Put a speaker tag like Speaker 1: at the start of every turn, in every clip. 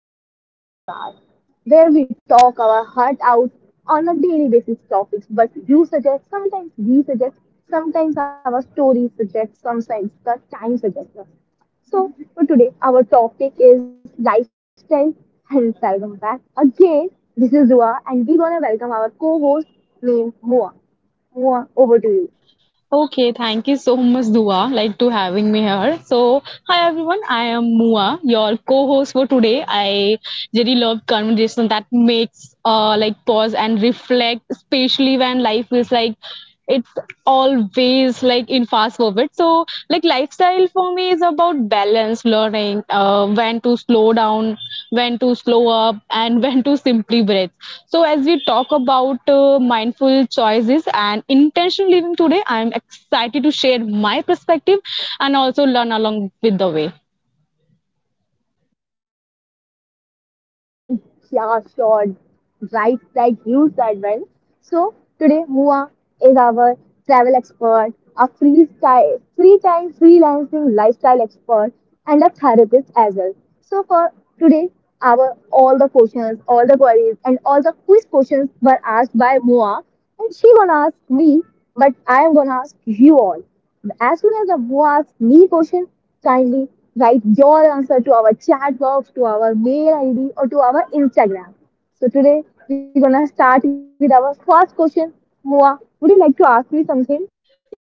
Speaker 1: channel The Divas, where we talk our heart out on a daily basis topics. But you suggest, sometimes we suggest, sometimes our story suggests, sometimes the time suggests us. So for today, our topic is lifestyle. And welcome back again. This is Dua, and we gonna welcome our co-host named Moa. Moa, over to you.
Speaker 2: Okay, thank you so much, Dua, like to having me here. So, hi everyone, I am Mua, your co-host for today. I really love conversation that makes pause and reflect, especially when life is like it's always like in fast forward. So, like lifestyle for me is about balance learning when to slow down when to slow up and when to simply breathe. So as we talk about mindful choices and intentional living today, I am excited to share my perspective and also learn along with the way.
Speaker 1: Yeah, sure. Right, like you said, well. So today, Mua is our travel expert, a free freestyle, free time freelancing lifestyle expert, and a therapist as well. So for today, our all the questions, all the queries, and all the quiz questions were asked by Mua, and she gonna ask me, but I am gonna ask you all. As soon as the Mo asks me question, kindly write your answer to our chat box, to our mail ID, or to our Instagram. So today we're gonna start with our first question. Moa, would you like to ask me something?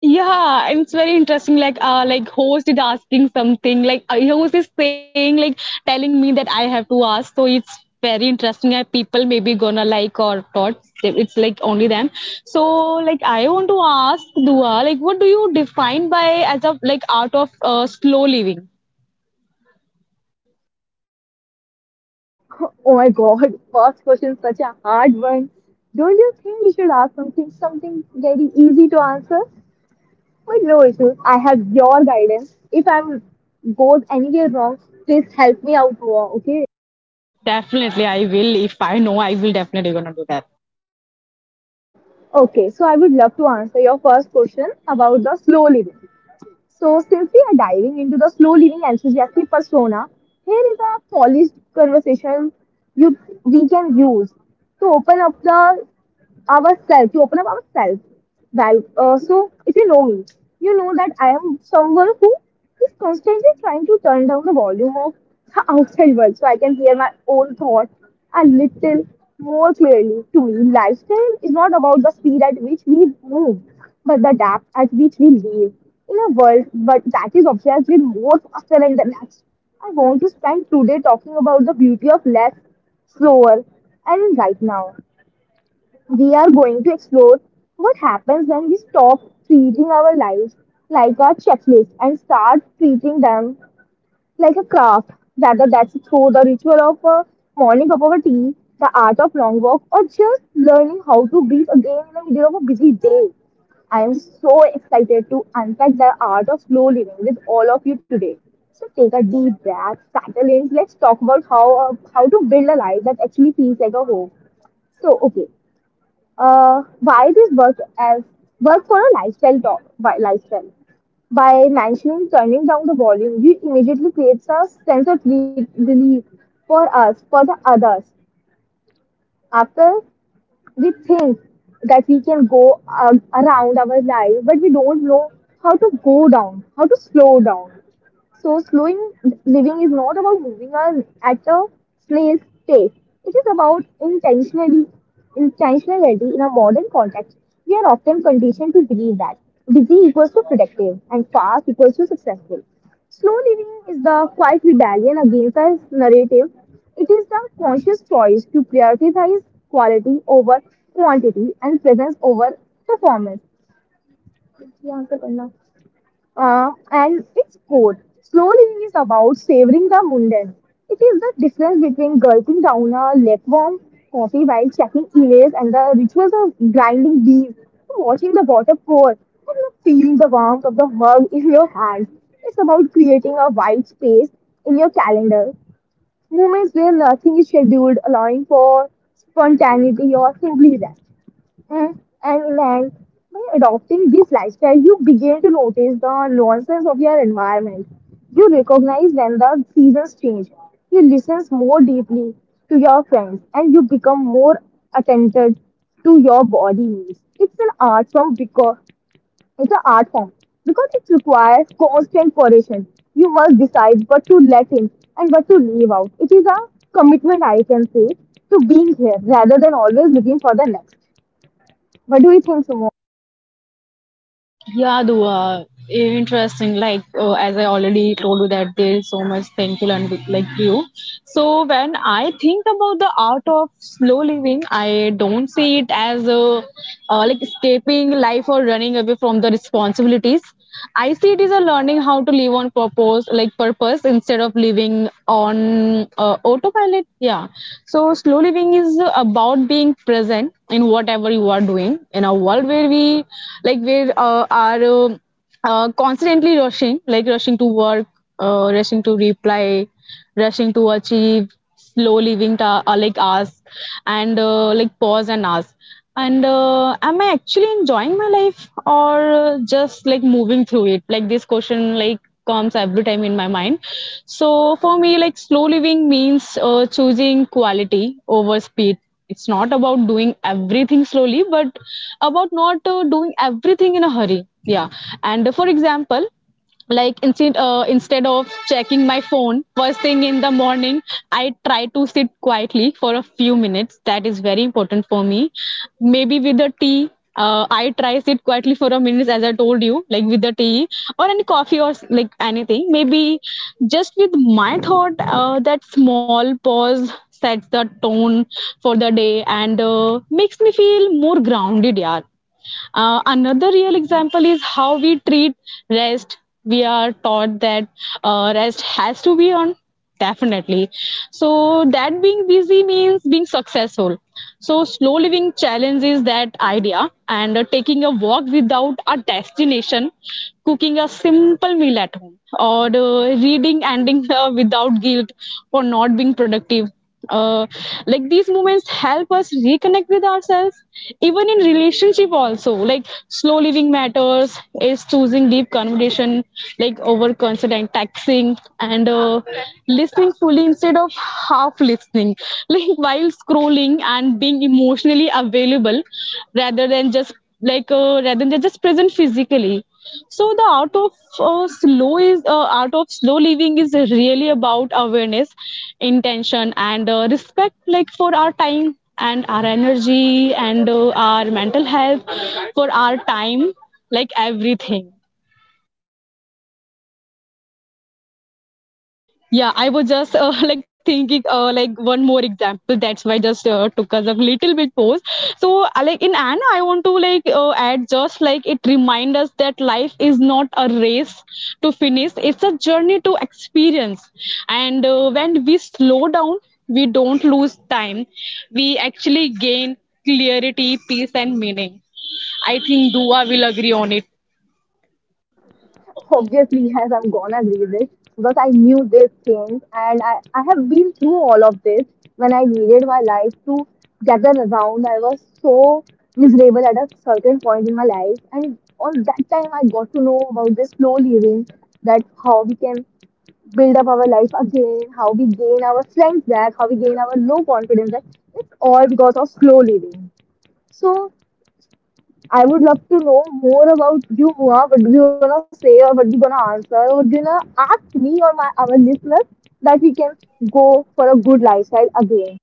Speaker 2: Yeah, and it's very interesting, like host is asking something like host is saying like telling me that I have to ask, so it's very interesting and people maybe gonna like or not. It's like only them. So like I want to ask Dua, like what do you define by as a like art of slow living?
Speaker 1: Oh my god, first question such a hard one. Don't you think we should ask something very easy to answer? But no issues. I have your guidance. If I'm goes anywhere wrong, please help me out, Moa, okay?
Speaker 2: Definitely I will. If I know, I will definitely gonna do that.
Speaker 1: Okay, so I would love to answer your first question about the slow living. So, since we are diving into the slow living enthusiastic persona, here is a polished conversation you we can use to open up the ourselves, to open up ourselves. Well, so if you know me, you know that I am someone who is constantly trying to turn down the volume of the outside world so I can hear my own thoughts a little more clearly. To me, lifestyle is not about the speed at which we move, but the depth at which we live in a world but that is obsessed with more faster and the next. I want to spend today talking about the beauty of less, slower, and right now. We are going to explore what happens when we stop treating our lives like a checklist and start treating them like a craft, whether that's through the ritual of a morning cup of a tea, the art of long walk, or just learning how to breathe again in the middle of a busy day. I am so excited to unpack the art of slow living with all of you today. So take a deep breath, settle in. Let's talk about how to build a life that actually feels like a home. So okay, why this work for a lifestyle talk by lifestyle by mentioning turning down the volume you immediately creates a sense of relief for us for the others after we think that we can go around our life but we don't know how to go down how to slow down so, slowing living is not about moving on at a place pace. It is about intentionally intentionality in a modern context. We are often conditioned to believe that busy equals to productive and fast equals to successful. Slow living is the quiet rebellion against our narrative. It is the conscious choice to prioritize quality over quantity and presence over performance. ये answer करना। And its core slow living is about savoring the mundane. It is the difference between gulping down a lukewarm coffee while checking emails and the rituals of grinding beans, watching the water pour, and feeling the warmth of the mug in your hands. It's about creating a wide space in your calendar, moments where nothing is scheduled, allowing for spontaneity or simply rest. Mm, And like by adopting this lifestyle, you begin to notice the nuances of your environment. You recognize when the seasons change. You listen more deeply to your friends and you become more attentive to your body needs. It's an art form because it's an art form because it requires constant correction. You must decide what to let in and what to leave out. It is a commitment, I can say, to being here rather than always looking for the next. What do you think, Sumon?
Speaker 2: Yeah, Dua. Interesting. Like as I already told you that there's so much thing to learn with like you. So when I think about the art of slow living, I don't see it as a like escaping life or running away from the responsibilities. I see it as a learning how to live on purpose, like purpose, instead of living on autopilot. Yeah. So slow living is about being present in whatever you are doing in a world where we like we are constantly rushing, like rushing to work, rushing to reply, rushing to achieve, like us, and like pause and ask. And am I actually enjoying my life or just like moving through it? Like this question, like comes every time in my mind. So for me, like slow living means choosing quality over speed. It's not about doing everything slowly, but about not doing everything in a hurry. Yeah. And for example, instead of checking my phone first thing in the morning, I try to sit quietly for a few minutes. That is very important for me, maybe with the tea. I try sit quietly for a minute, as I told you, like with the tea or any coffee or like anything, maybe just with my thought. That small pause sets the tone for the day and makes me feel more grounded, yaar. Another real example is how we treat rest. We are taught that rest has to be on, definitely, so that being busy means being successful. So slow living challenges that idea, and taking a walk without a destination, cooking a simple meal at home, or reading ending without guilt for not being productive, uh, like these moments help us reconnect with ourselves. Even in relationship also, like slow living matters is choosing deep conversation like over constant texting, and listening fully instead of half listening like while scrolling, and being emotionally available rather than just rather than just present physically. So the art of slow is art of slow living is really about awareness, intention, and respect like for our time, and our energy, and our mental health, for our time, like everything. Yeah, I was just like thinking like one more example. That's why just took us a little bit pause. So like in Anna, I want to add just like it remind us that life is not a race to finish. It's a journey to experience. And when we slow down, we don't lose time. We actually gain clarity, peace, and meaning. I think Dua will agree on it.
Speaker 1: Obviously, yes, I'm gonna read this because I knew this change and I have been through all of this when I needed my life to gather around. I was so miserable at a certain point in my life, and on that time, I got to know about this slow living that how we can build up our life again, how we gain our strength back, how we gain our low confidence back. It's all because of slow living. So I would love to know more about you, Mua. What do you wanna say, or what you gonna answer, or what you gonna ask me or my our listeners that we can go for a good lifestyle again?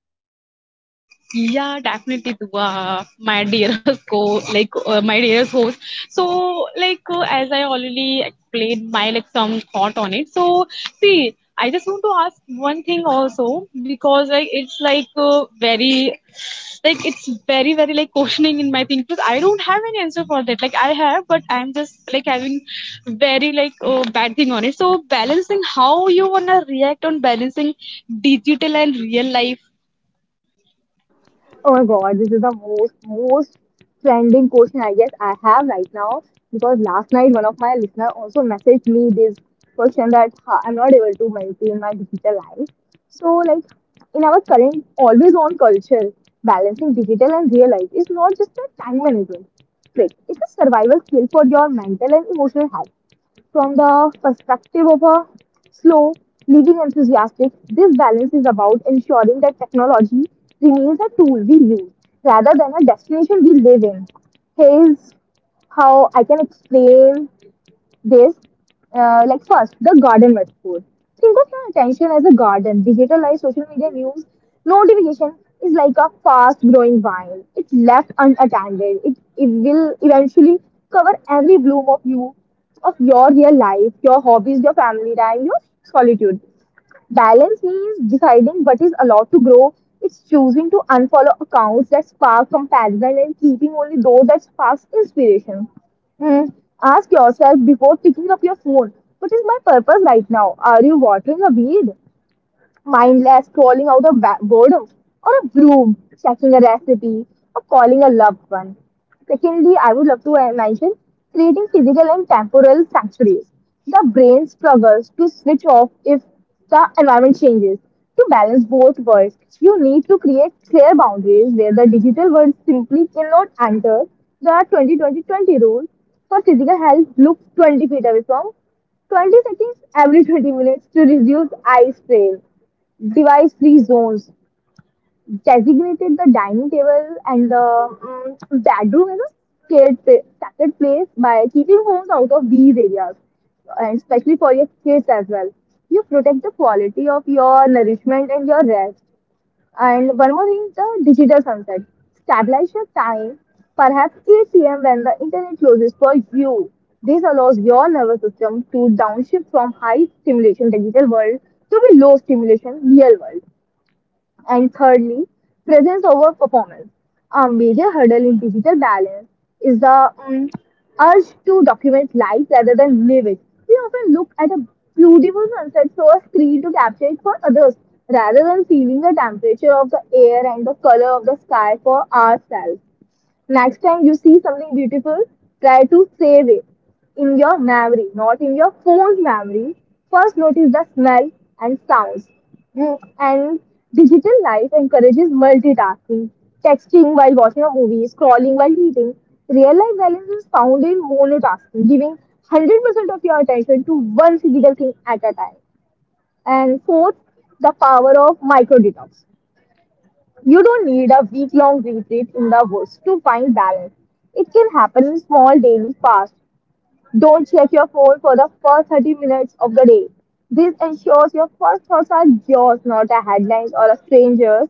Speaker 2: Yeah, definitely, Dua, my dearest co, my dearest host. So, as I already explained my like some thought on it. So, see, I just want to ask one thing also because like it's like very, like it's very like questioning in my thing because I don't have an answer for that. Like I have, but I'm just like having very bad thing on it. So balancing how you wanna react on balancing digital and real life.
Speaker 1: Oh my god, this is the most trending question I guess I have right now because last night one of my listener also messaged me this question that "Ha, I'm not able to maintain my digital life. So like in our current always on culture, balancing digital and real life is not just a time management trick. It's a survival skill for your mental and emotional health. From the perspective of a slow living enthusiastic, this balance is about ensuring that technology remains a tool we use rather than a destination we live in. Here's how I can explain there's like first the garden metaphor. Think of your attention as a garden. Digitalized social media news notification is like a fast-growing vine. It's left unattended. It will eventually cover every bloom of you, of your real life, your hobbies, your family time, your solitude. Balance means deciding what is allowed to grow. It's choosing to unfollow accounts that spark comparison and keeping only those that spark inspiration. Hmm. Ask yourself before picking up your phone, what is my purpose right now? Are you watering a weed? Mindless scrolling out of boredom, or a bloom, checking a recipe, or calling a loved one. Secondly, I would love to mention creating physical and temporal sanctuaries. The brain struggles to switch off if the environment changes. To balance both worlds, you need to create clear boundaries where the digital world simply cannot enter. The 20-20-20 rule for physical health looks 20 feet away from 20 seconds every 20 minutes to reduce eye strain device-free zones designated the dining table and the bedroom as a sacred place by keeping homes out of these areas, and especially for your kids as well. You protect the quality of your nourishment and your rest. And one more thing, the digital sunset. Stabilize your time, perhaps 8 p.m. when the internet closes for you. This allows your nervous system to downshift from high stimulation digital world to the low stimulation real world. And thirdly, presence over performance. A major hurdle in digital balance is the urge to document life rather than live it. We often look at a beautiful sunset through a screen to capture it for others rather than feeling the temperature of the air and the color of the sky for ourselves. Next time you see something beautiful, try to save it in your memory, not in your phone's memory. First, notice the smell and sounds. And digital life encourages multitasking, texting while watching a movie, scrolling while eating. Real life balance is found in monotasking, giving 100% of your attention to one physical thing at a time. And fourth, the power of micro detox. You don't need a week long retreat in the woods to find balance. It can happen in small daily fasts. Don't check your phone for the first 30 minutes of the day. This ensures your first thoughts are yours, not a headlines or a stranger's.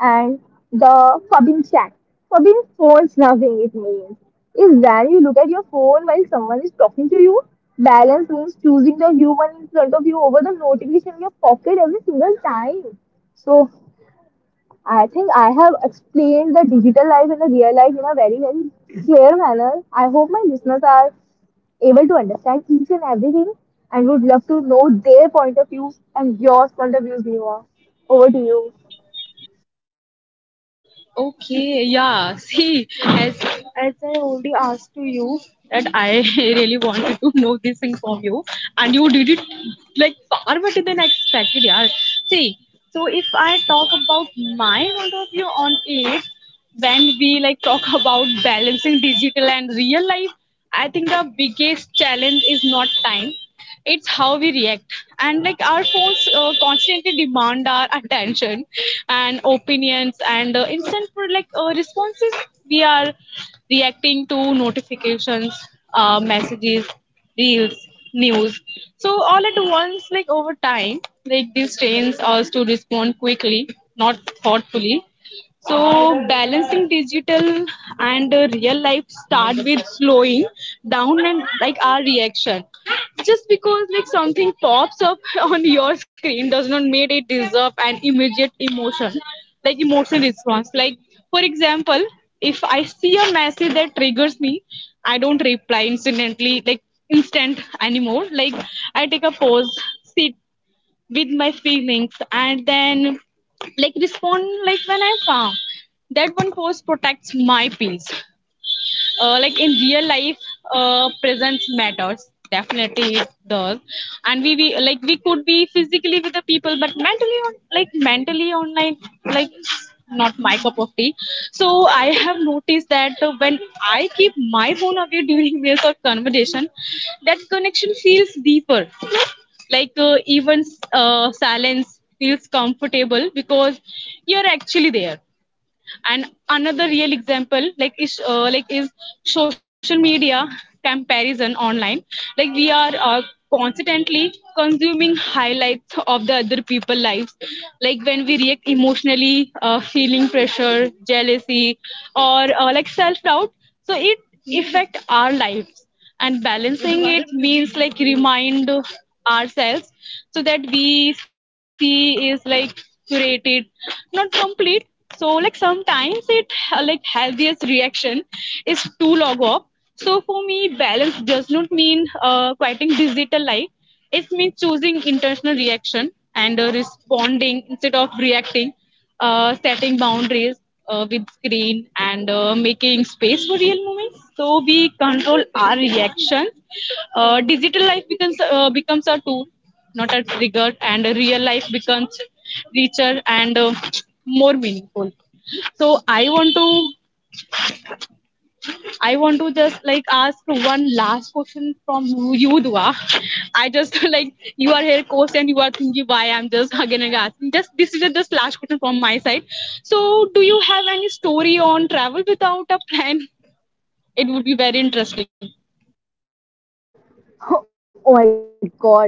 Speaker 1: And the forbidden chat. Forbidden phone snuffing, it means, is when you look at your phone while someone is talking to you. Balance means choosing the human in front of you over the notification in your pocket every single time. So I think I have explained the digital life and the real life in a very, very clear manner. I hope my listeners are able to understand each and everything and would love to know their point of views and your point of views, Niva. Over to you.
Speaker 2: Okay, yeah. See, as I already asked to you that I really wanted to know this thing from you, and you did it like far better than I expected, yeah. See, so if I talk about my point of view on it, when we like talk about balancing digital and real life, I think the biggest challenge is not time. It's how we react. And like our phones constantly demand our attention and opinions, and instant for like responses. We are reacting to notifications, messages, reels, news, so all at once. Like over time, like this trains us to respond quickly, not thoughtfully. So balancing digital and real life start with slowing down and like our reaction. Just because like something pops up on your screen does not make it deserve an immediate emotion, like emotional response. Like for example, if I see a message that triggers me, I don't reply instantly, like instant anymore. Like I take a pause, sit with my feelings, and then like respond like when I'm calm. That one pose protects my peace. Like in real life, presence matters. Definitely it does. And we could be physically with the people, but mentally on like mentally online, like it's not my cup of tea. So I have noticed that when I keep my phone away during meals or conversation, that connection feels deeper, like even silence feels comfortable because you're actually there. And another real example like is social media comparison online. Like we are constantly consuming highlights of the other people lives, like when we react emotionally feeling pressure, jealousy, or like self doubt. So it affect our lives, and balancing it means like remind ourselves so that we see is like curated, not complete. So like sometimes it like healthiest reaction is too log off. So for me balance does not mean quieting digital life. It means choosing intentional reaction and responding instead of reacting, setting boundaries with screen, and making space for real moments. So we control our reactions. Digital life becomes a tool, not a trigger, and real life becomes richer and more meaningful. So I want to just like ask one last question from you, Dua. I just like you are here, coach, and you are thinking why I'm just again and asking. Just this is just last question from my side. So do you have any story on travel without a plan? It would be very interesting.
Speaker 1: Oh my god, this is like,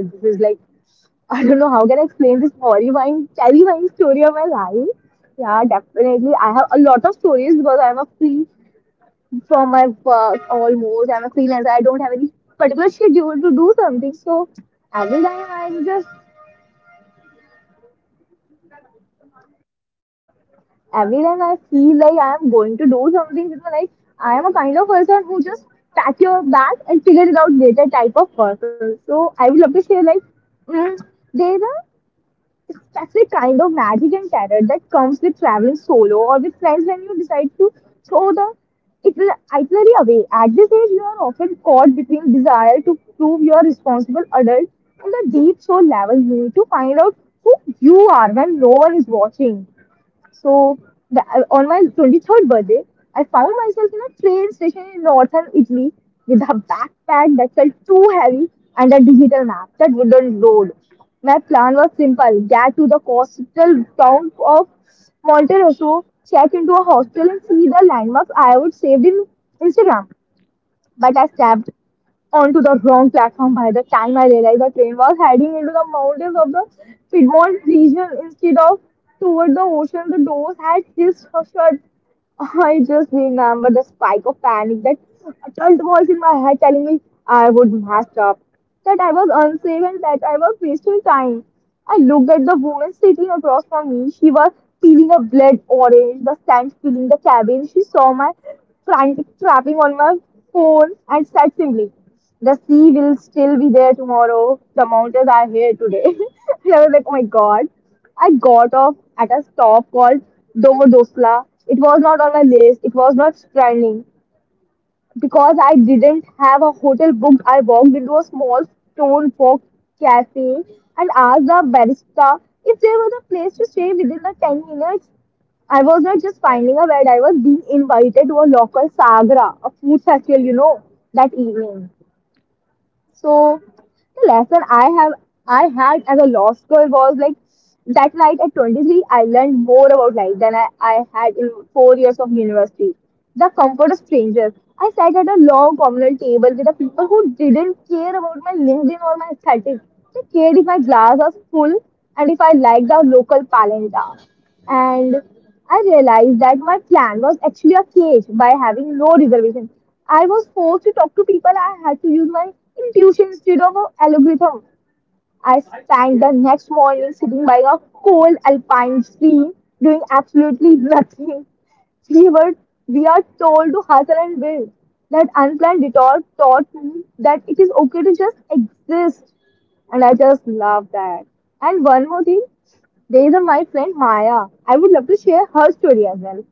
Speaker 1: I don't know how can I explain this horrifying, terrifying story of my life. Yeah, definitely. I have a lot of stories because I'm a free for my work almost. I'm a freelancer. I don't have any particular schedule to do something. So every time I just every time I feel like I'm going to do something, you know, like I am a kind of person who just pack your bag and figure it out later type of person. So I would love to share like there's a it's actually kind of magic and terror that comes with traveling solo or with friends when you decide to throw the itinerary away. At this age, you are often caught between desire to prove you are a responsible adult and the deep soul level need to find out who you are when no one is watching. So on my 23rd birthday, I found myself in a train station in northern Italy with a backpack that felt too heavy and a digital map that wouldn't load. My plan was simple: get to the coastal town of Monterosso, check into a hostel, and see the landmarks I would saved in Instagram. But I stepped onto the wrong platform. By the time I realized, the train was heading into the mountains of the Piedmont region instead of toward the ocean. The doors had hissed or shut. I just remember the spike of panic, that adult voice in my head telling me I would mess up, that I was unsafe and that I was wasting time. I looked at the woman sitting across from me. She was peeling a blood orange, the scent filling the cabin. She saw my frantic tapping on my phone and said simply, the sea will still be there tomorrow. The mountains are here today. And I was like, oh my god. I got off at a stop called Domodosla. It was not on my list. It was not trending. Because I didn't have a hotel booked, I walked into a small stone box cafe and asked the barista if there was a place to stay within the 10 minutes. I was not just finding a bed, I was being invited to a local sagra, a food festival, that evening. So the lesson I have I had as a lost girl was like, that night at 23, I learned more about life than I had in 4 years of university. The comfort of strangers. I sat at a long communal table with the people who didn't care about my LinkedIn or my aesthetic. They cared if my glass was full and if I liked the local palenta. And I realized that my plan was actually a cage. By having no reservation, I was forced to talk to people. I had to use my intuition instead of an algorithm. I spent the next morning sitting by a cold alpine stream doing absolutely nothing. We were we are told to hustle and build. That unplanned detour taught me that it is okay to just exist. And I just love that. And one more thing, there is a my friend Maya, I would love to share her story as well.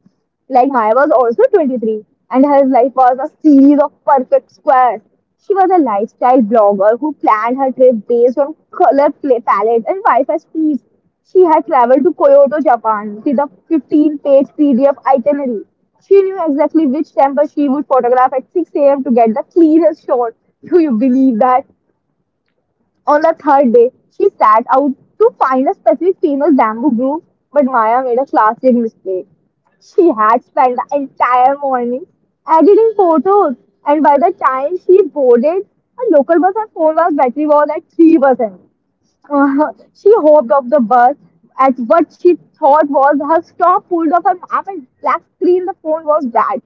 Speaker 1: Like Maya was also 23, and her life was a series of perfect squares. She was a lifestyle blogger who planned her trip based on palette and Wi-Fi speeds. She had traveled to Kyoto, Japan with a 15-page PDF itinerary. She knew exactly which temple she would photograph at 6 a.m. to get the cleanest shot. Do you believe that? On the third day, she set out to find a specific famous bamboo grove, but Maya made a classic mistake. She had spent the entire morning editing photos, and by the time she boarded a local bus, her phone was battery was at 3%. She hopped off the bus at what she thought was her stop, pulled off her map, and black screen, the phone was bad.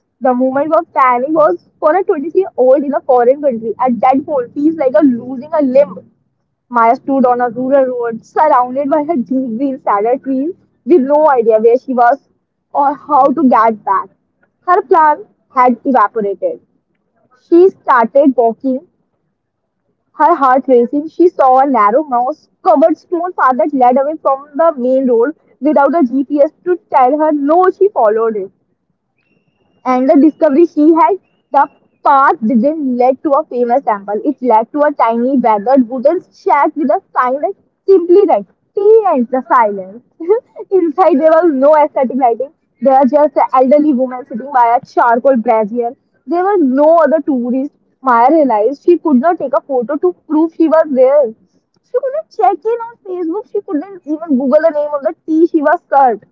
Speaker 1: The moment of panic was for a 23-year-old in a foreign country at that point feels like a losing a limb. Maya stood on a rural road surrounded by her deep green cedar trees with no idea where she was or how to get back. Her plan had evaporated. She started walking, her heart racing. She saw a narrow mouse covered stone path that led away from the main road. Without a GPS to tell her no, she followed it. And the discovery she had, the path didn't lead to a famous temple. It led to a tiny, weathered wooden shack with a sign that simply read, "Tea and the Silence." Inside, there was no aesthetic lighting. There were just elderly women sitting by a charcoal brazier. There were no other tourists. Maya realized she could not take a photo to prove she was there. She couldn't check in on Facebook. She couldn't even Google the name of the tea she was served.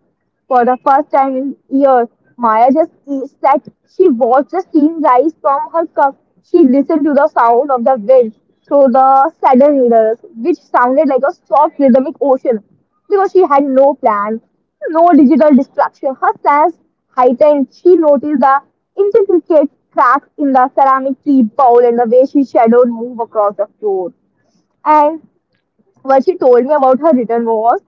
Speaker 1: For the first time in years, Maya just sat. She watched the steam rise from her cup. She listened to the sound of the wind through the saddle needles, which sounded like a soft rhythmic ocean. Because she had no plan, no digital distraction, her sense heightened. She noticed the intricate cracks in the ceramic tea bowl and the way she shadowed move across the floor. And what she told me about her return was,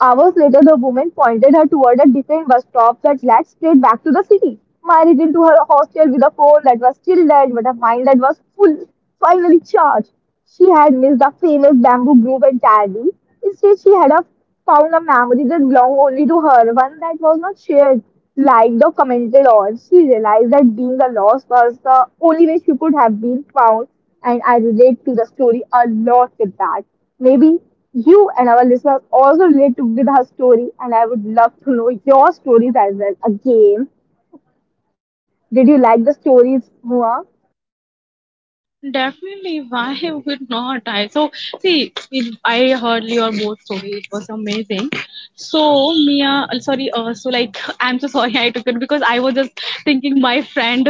Speaker 1: hours later, the woman pointed her toward a different bus stop that led straight back to the city. I returned to her hostel with a phone that was still dead, but a mind that was full, finally charged. She had missed the famous bamboo grove entirely. Instead, found a memory that belonged only to her, one that was not shared, liked, or commented on. She realized that being the lost was the only way she could have been found, and I relate to the story a lot with that. Maybe you and our listeners also relate to Gidha's story, and I would love to know your stories as well. Again, did you like the stories, Mua?
Speaker 2: Definitely, why would not I? So, see, it, I heard your both story. It was amazing. So, Mia, sorry, so like, I'm so sorry I took it because I was just thinking my friend.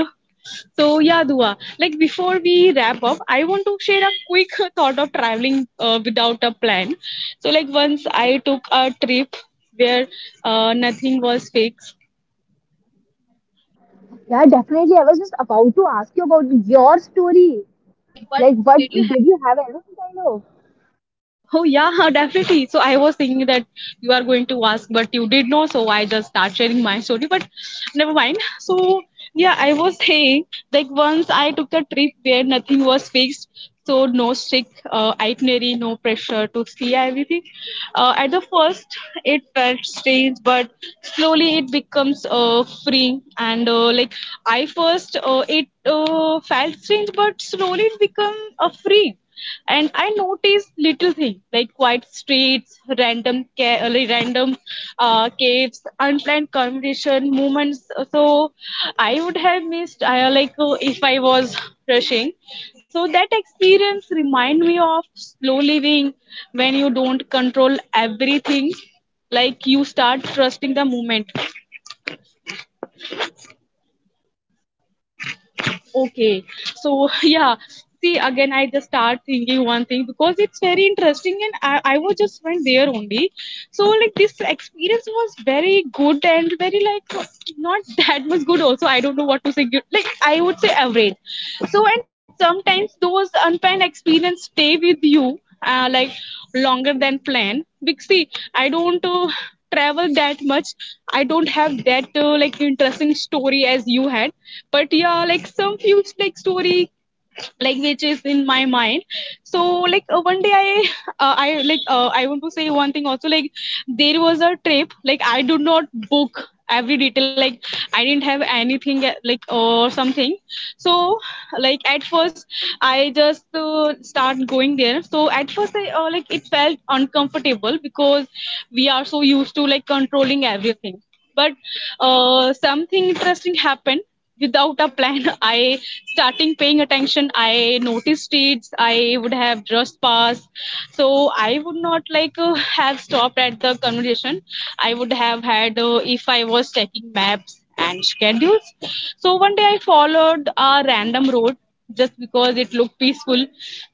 Speaker 2: So, yeah, Dua, like before we wrap up, I want to share a quick thought of traveling without a plan. So, like once I took a trip where nothing was fixed.
Speaker 1: Yeah, definitely. I was just about to ask you about your story. Like, what did you have, any kind of?
Speaker 2: Oh yeah, definitely. So I was thinking that you are going to ask, but you did know, so I just start sharing my story. But never mind. So yeah, I was saying like once I took a trip where nothing was fixed, so no strict itinerary, no pressure to see everything. At the first, it felt strange, but slowly it becomes free. And like I first, it felt strange, but slowly it become free, and I noticed little things like quiet streets, random caves, unplanned conversation moments. So I would have missed I like if I was rushing. So that experience remind me of slow living. When you don't control everything, like you start trusting the moment. Okay. So yeah. See again, I just start thinking one thing because it's very interesting, and I was just went there only. So like this experience was very good, and very like not that much good. Also, I don't know what to say. Good- Like I would say average. So and sometimes those unplanned experience stay with you like longer than planned because see I don't travel that much. I don't have that like interesting story as you had, but yeah, like some few like story like which is in my mind. So one day I I want to say one thing also, like there was a trip like I do not book every detail, like I didn't have anything like or something. So like at first I just start going there. So at first I like it felt uncomfortable because we are so used to like controlling everything. But something interesting happened. Without a plan I starting paying attention. I noticed it I would have just passed. So I would not have stopped at the conversation I would have had if I was checking maps and schedules. So one day I followed a random road just because it looked peaceful.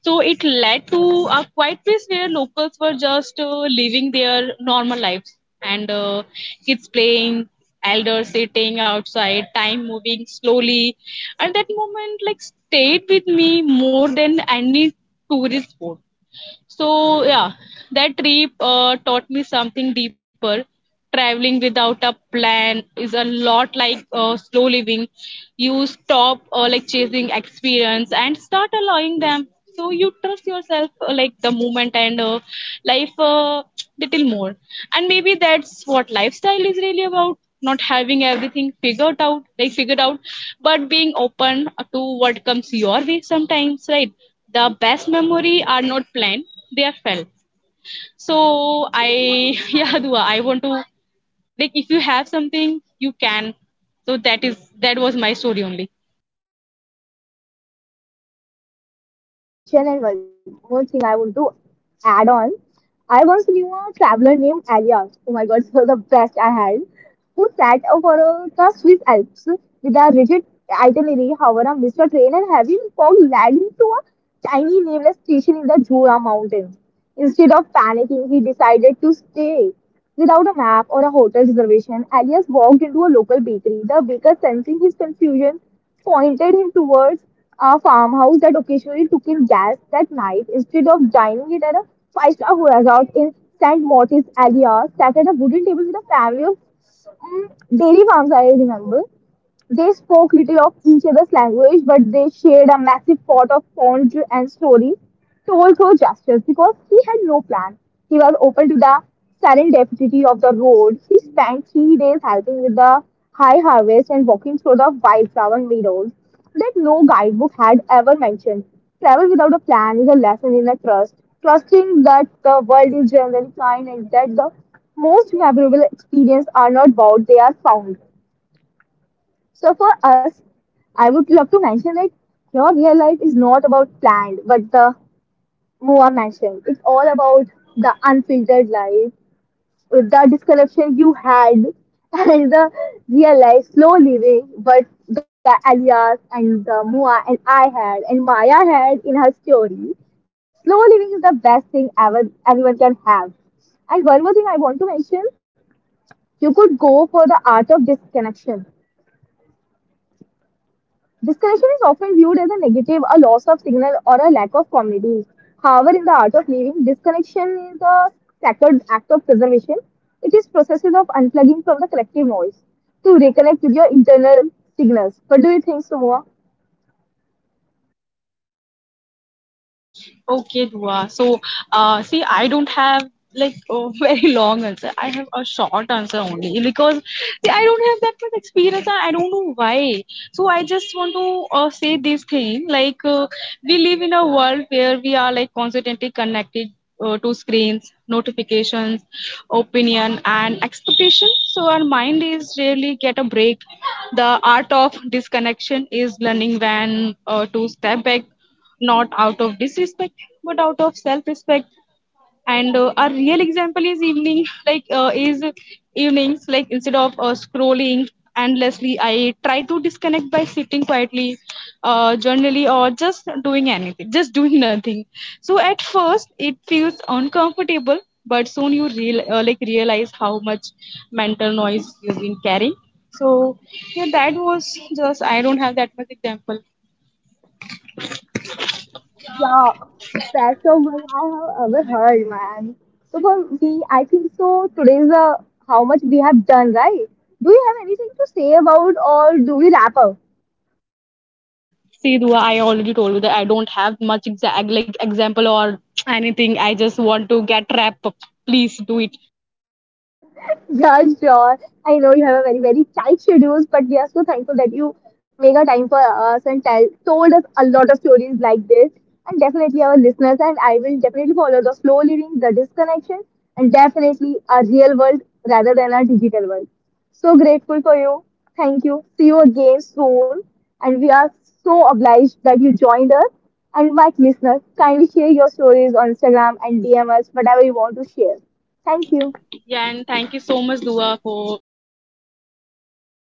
Speaker 2: So it led to a quiet place where locals were just living their normal lives, and kids playing, elders sitting outside, time moving slowly. And that moment like stayed with me more than any tourist spot. So yeah, that trip taught me something deeper. Traveling without a plan is a lot like slow living. You stop like chasing experience and start allowing them. So you trust yourself like the moment, and life little more. And maybe that's what lifestyle is really about. Not having everything figured out, like figured out, but being open to what comes your way sometimes, right? The best memory are not planned, they are felt. So I yeah Dua, I want to like if you have something you can. So that was my story only.
Speaker 1: Yeah, one more thing I want to mention, and one more thing I want to add on. I once knew a traveler named Elias. Oh my god, so the best I had. Who sat up for the Swiss Alps with a rigid itinerary. However, I missed a train and having fog led to a tiny nameless station in the Jura Mountains. Instead of panicking, he decided to stay. Without a map or a hotel reservation, Elias walked into a local bakery. The baker, sensing his confusion, pointed him towards a farmhouse that occasionally took in gas. That night, instead of dining it at a five-star resort in St. Martin's, Alia sat at a wooden table with a family of mm, dairy farms, I remember. They spoke little of each other's language, but they shared a massive pot of fondue and stories told through gestures. Because he had no plan, he was open to the serendipity of the road. He spent 3 days helping with the high harvest and walking through the wildflower meadows that no guidebook had ever mentioned. Travel without a plan is a lesson in a trust, trusting that the world is generally kind and that the most memorable experiences are not bought, they are found. So for us, I would love to mention that your real life is not about planned, but the Moa mentioned. It's all about the unfiltered life, the description you had, and the real life, slow living, but the Elias and the Moa and I had, and Maya had in her story. Slow living is the best thing ever anyone can have. And one more thing I want to mention, you could go for the art of disconnection. Disconnection is often viewed as a negative, a loss of signal, or a lack of community. However, in the art of living, disconnection is a sacred act of preservation. It is processes of unplugging from the collective noise to reconnect with your internal signals. What do you think, Sumua?
Speaker 2: Okay, Dua. So, see, I don't have like a very long answer. I have a short answer only because see, I don't have that much experience and I don't know why. So, I just want to say this thing like we live in a world where we are like constantly connected to screens, notifications, opinion, and expectation. So, our mind is rarely get a break. The art of disconnection is learning when to step back, not out of disrespect but out of self-respect. And a real example is evening like is evenings, like instead of scrolling endlessly, I try to disconnect by sitting quietly, journaling, or just doing anything, just doing nothing. So at first it feels uncomfortable, but soon you real like realize how much mental noise you've been carrying. So yeah, that was just I don't have that much example.
Speaker 1: Yeah, best of what I have ever heard, man. So for me, I think so. Today's the how much we have done, right? Do you have anything to say about, or do we wrap up?
Speaker 2: See, Dua, I already told you that I don't have much exact like example or anything. I just want to get rap. Please do it.
Speaker 1: Yeah, sure. I know you have a very, very tight schedules, but we are so thankful that you make a time for us and tell told us a lot of stories like this. And definitely our listeners and I will definitely follow the slow living, the disconnection, and definitely a real world rather than a digital world. So grateful for you. Thank you. See you again soon. And we are so obliged that you joined us. And my listeners, kindly share your stories on Instagram and DM us, whatever you want to share. Thank you.
Speaker 2: Yeah, and thank you so much, Dua, for like uh, just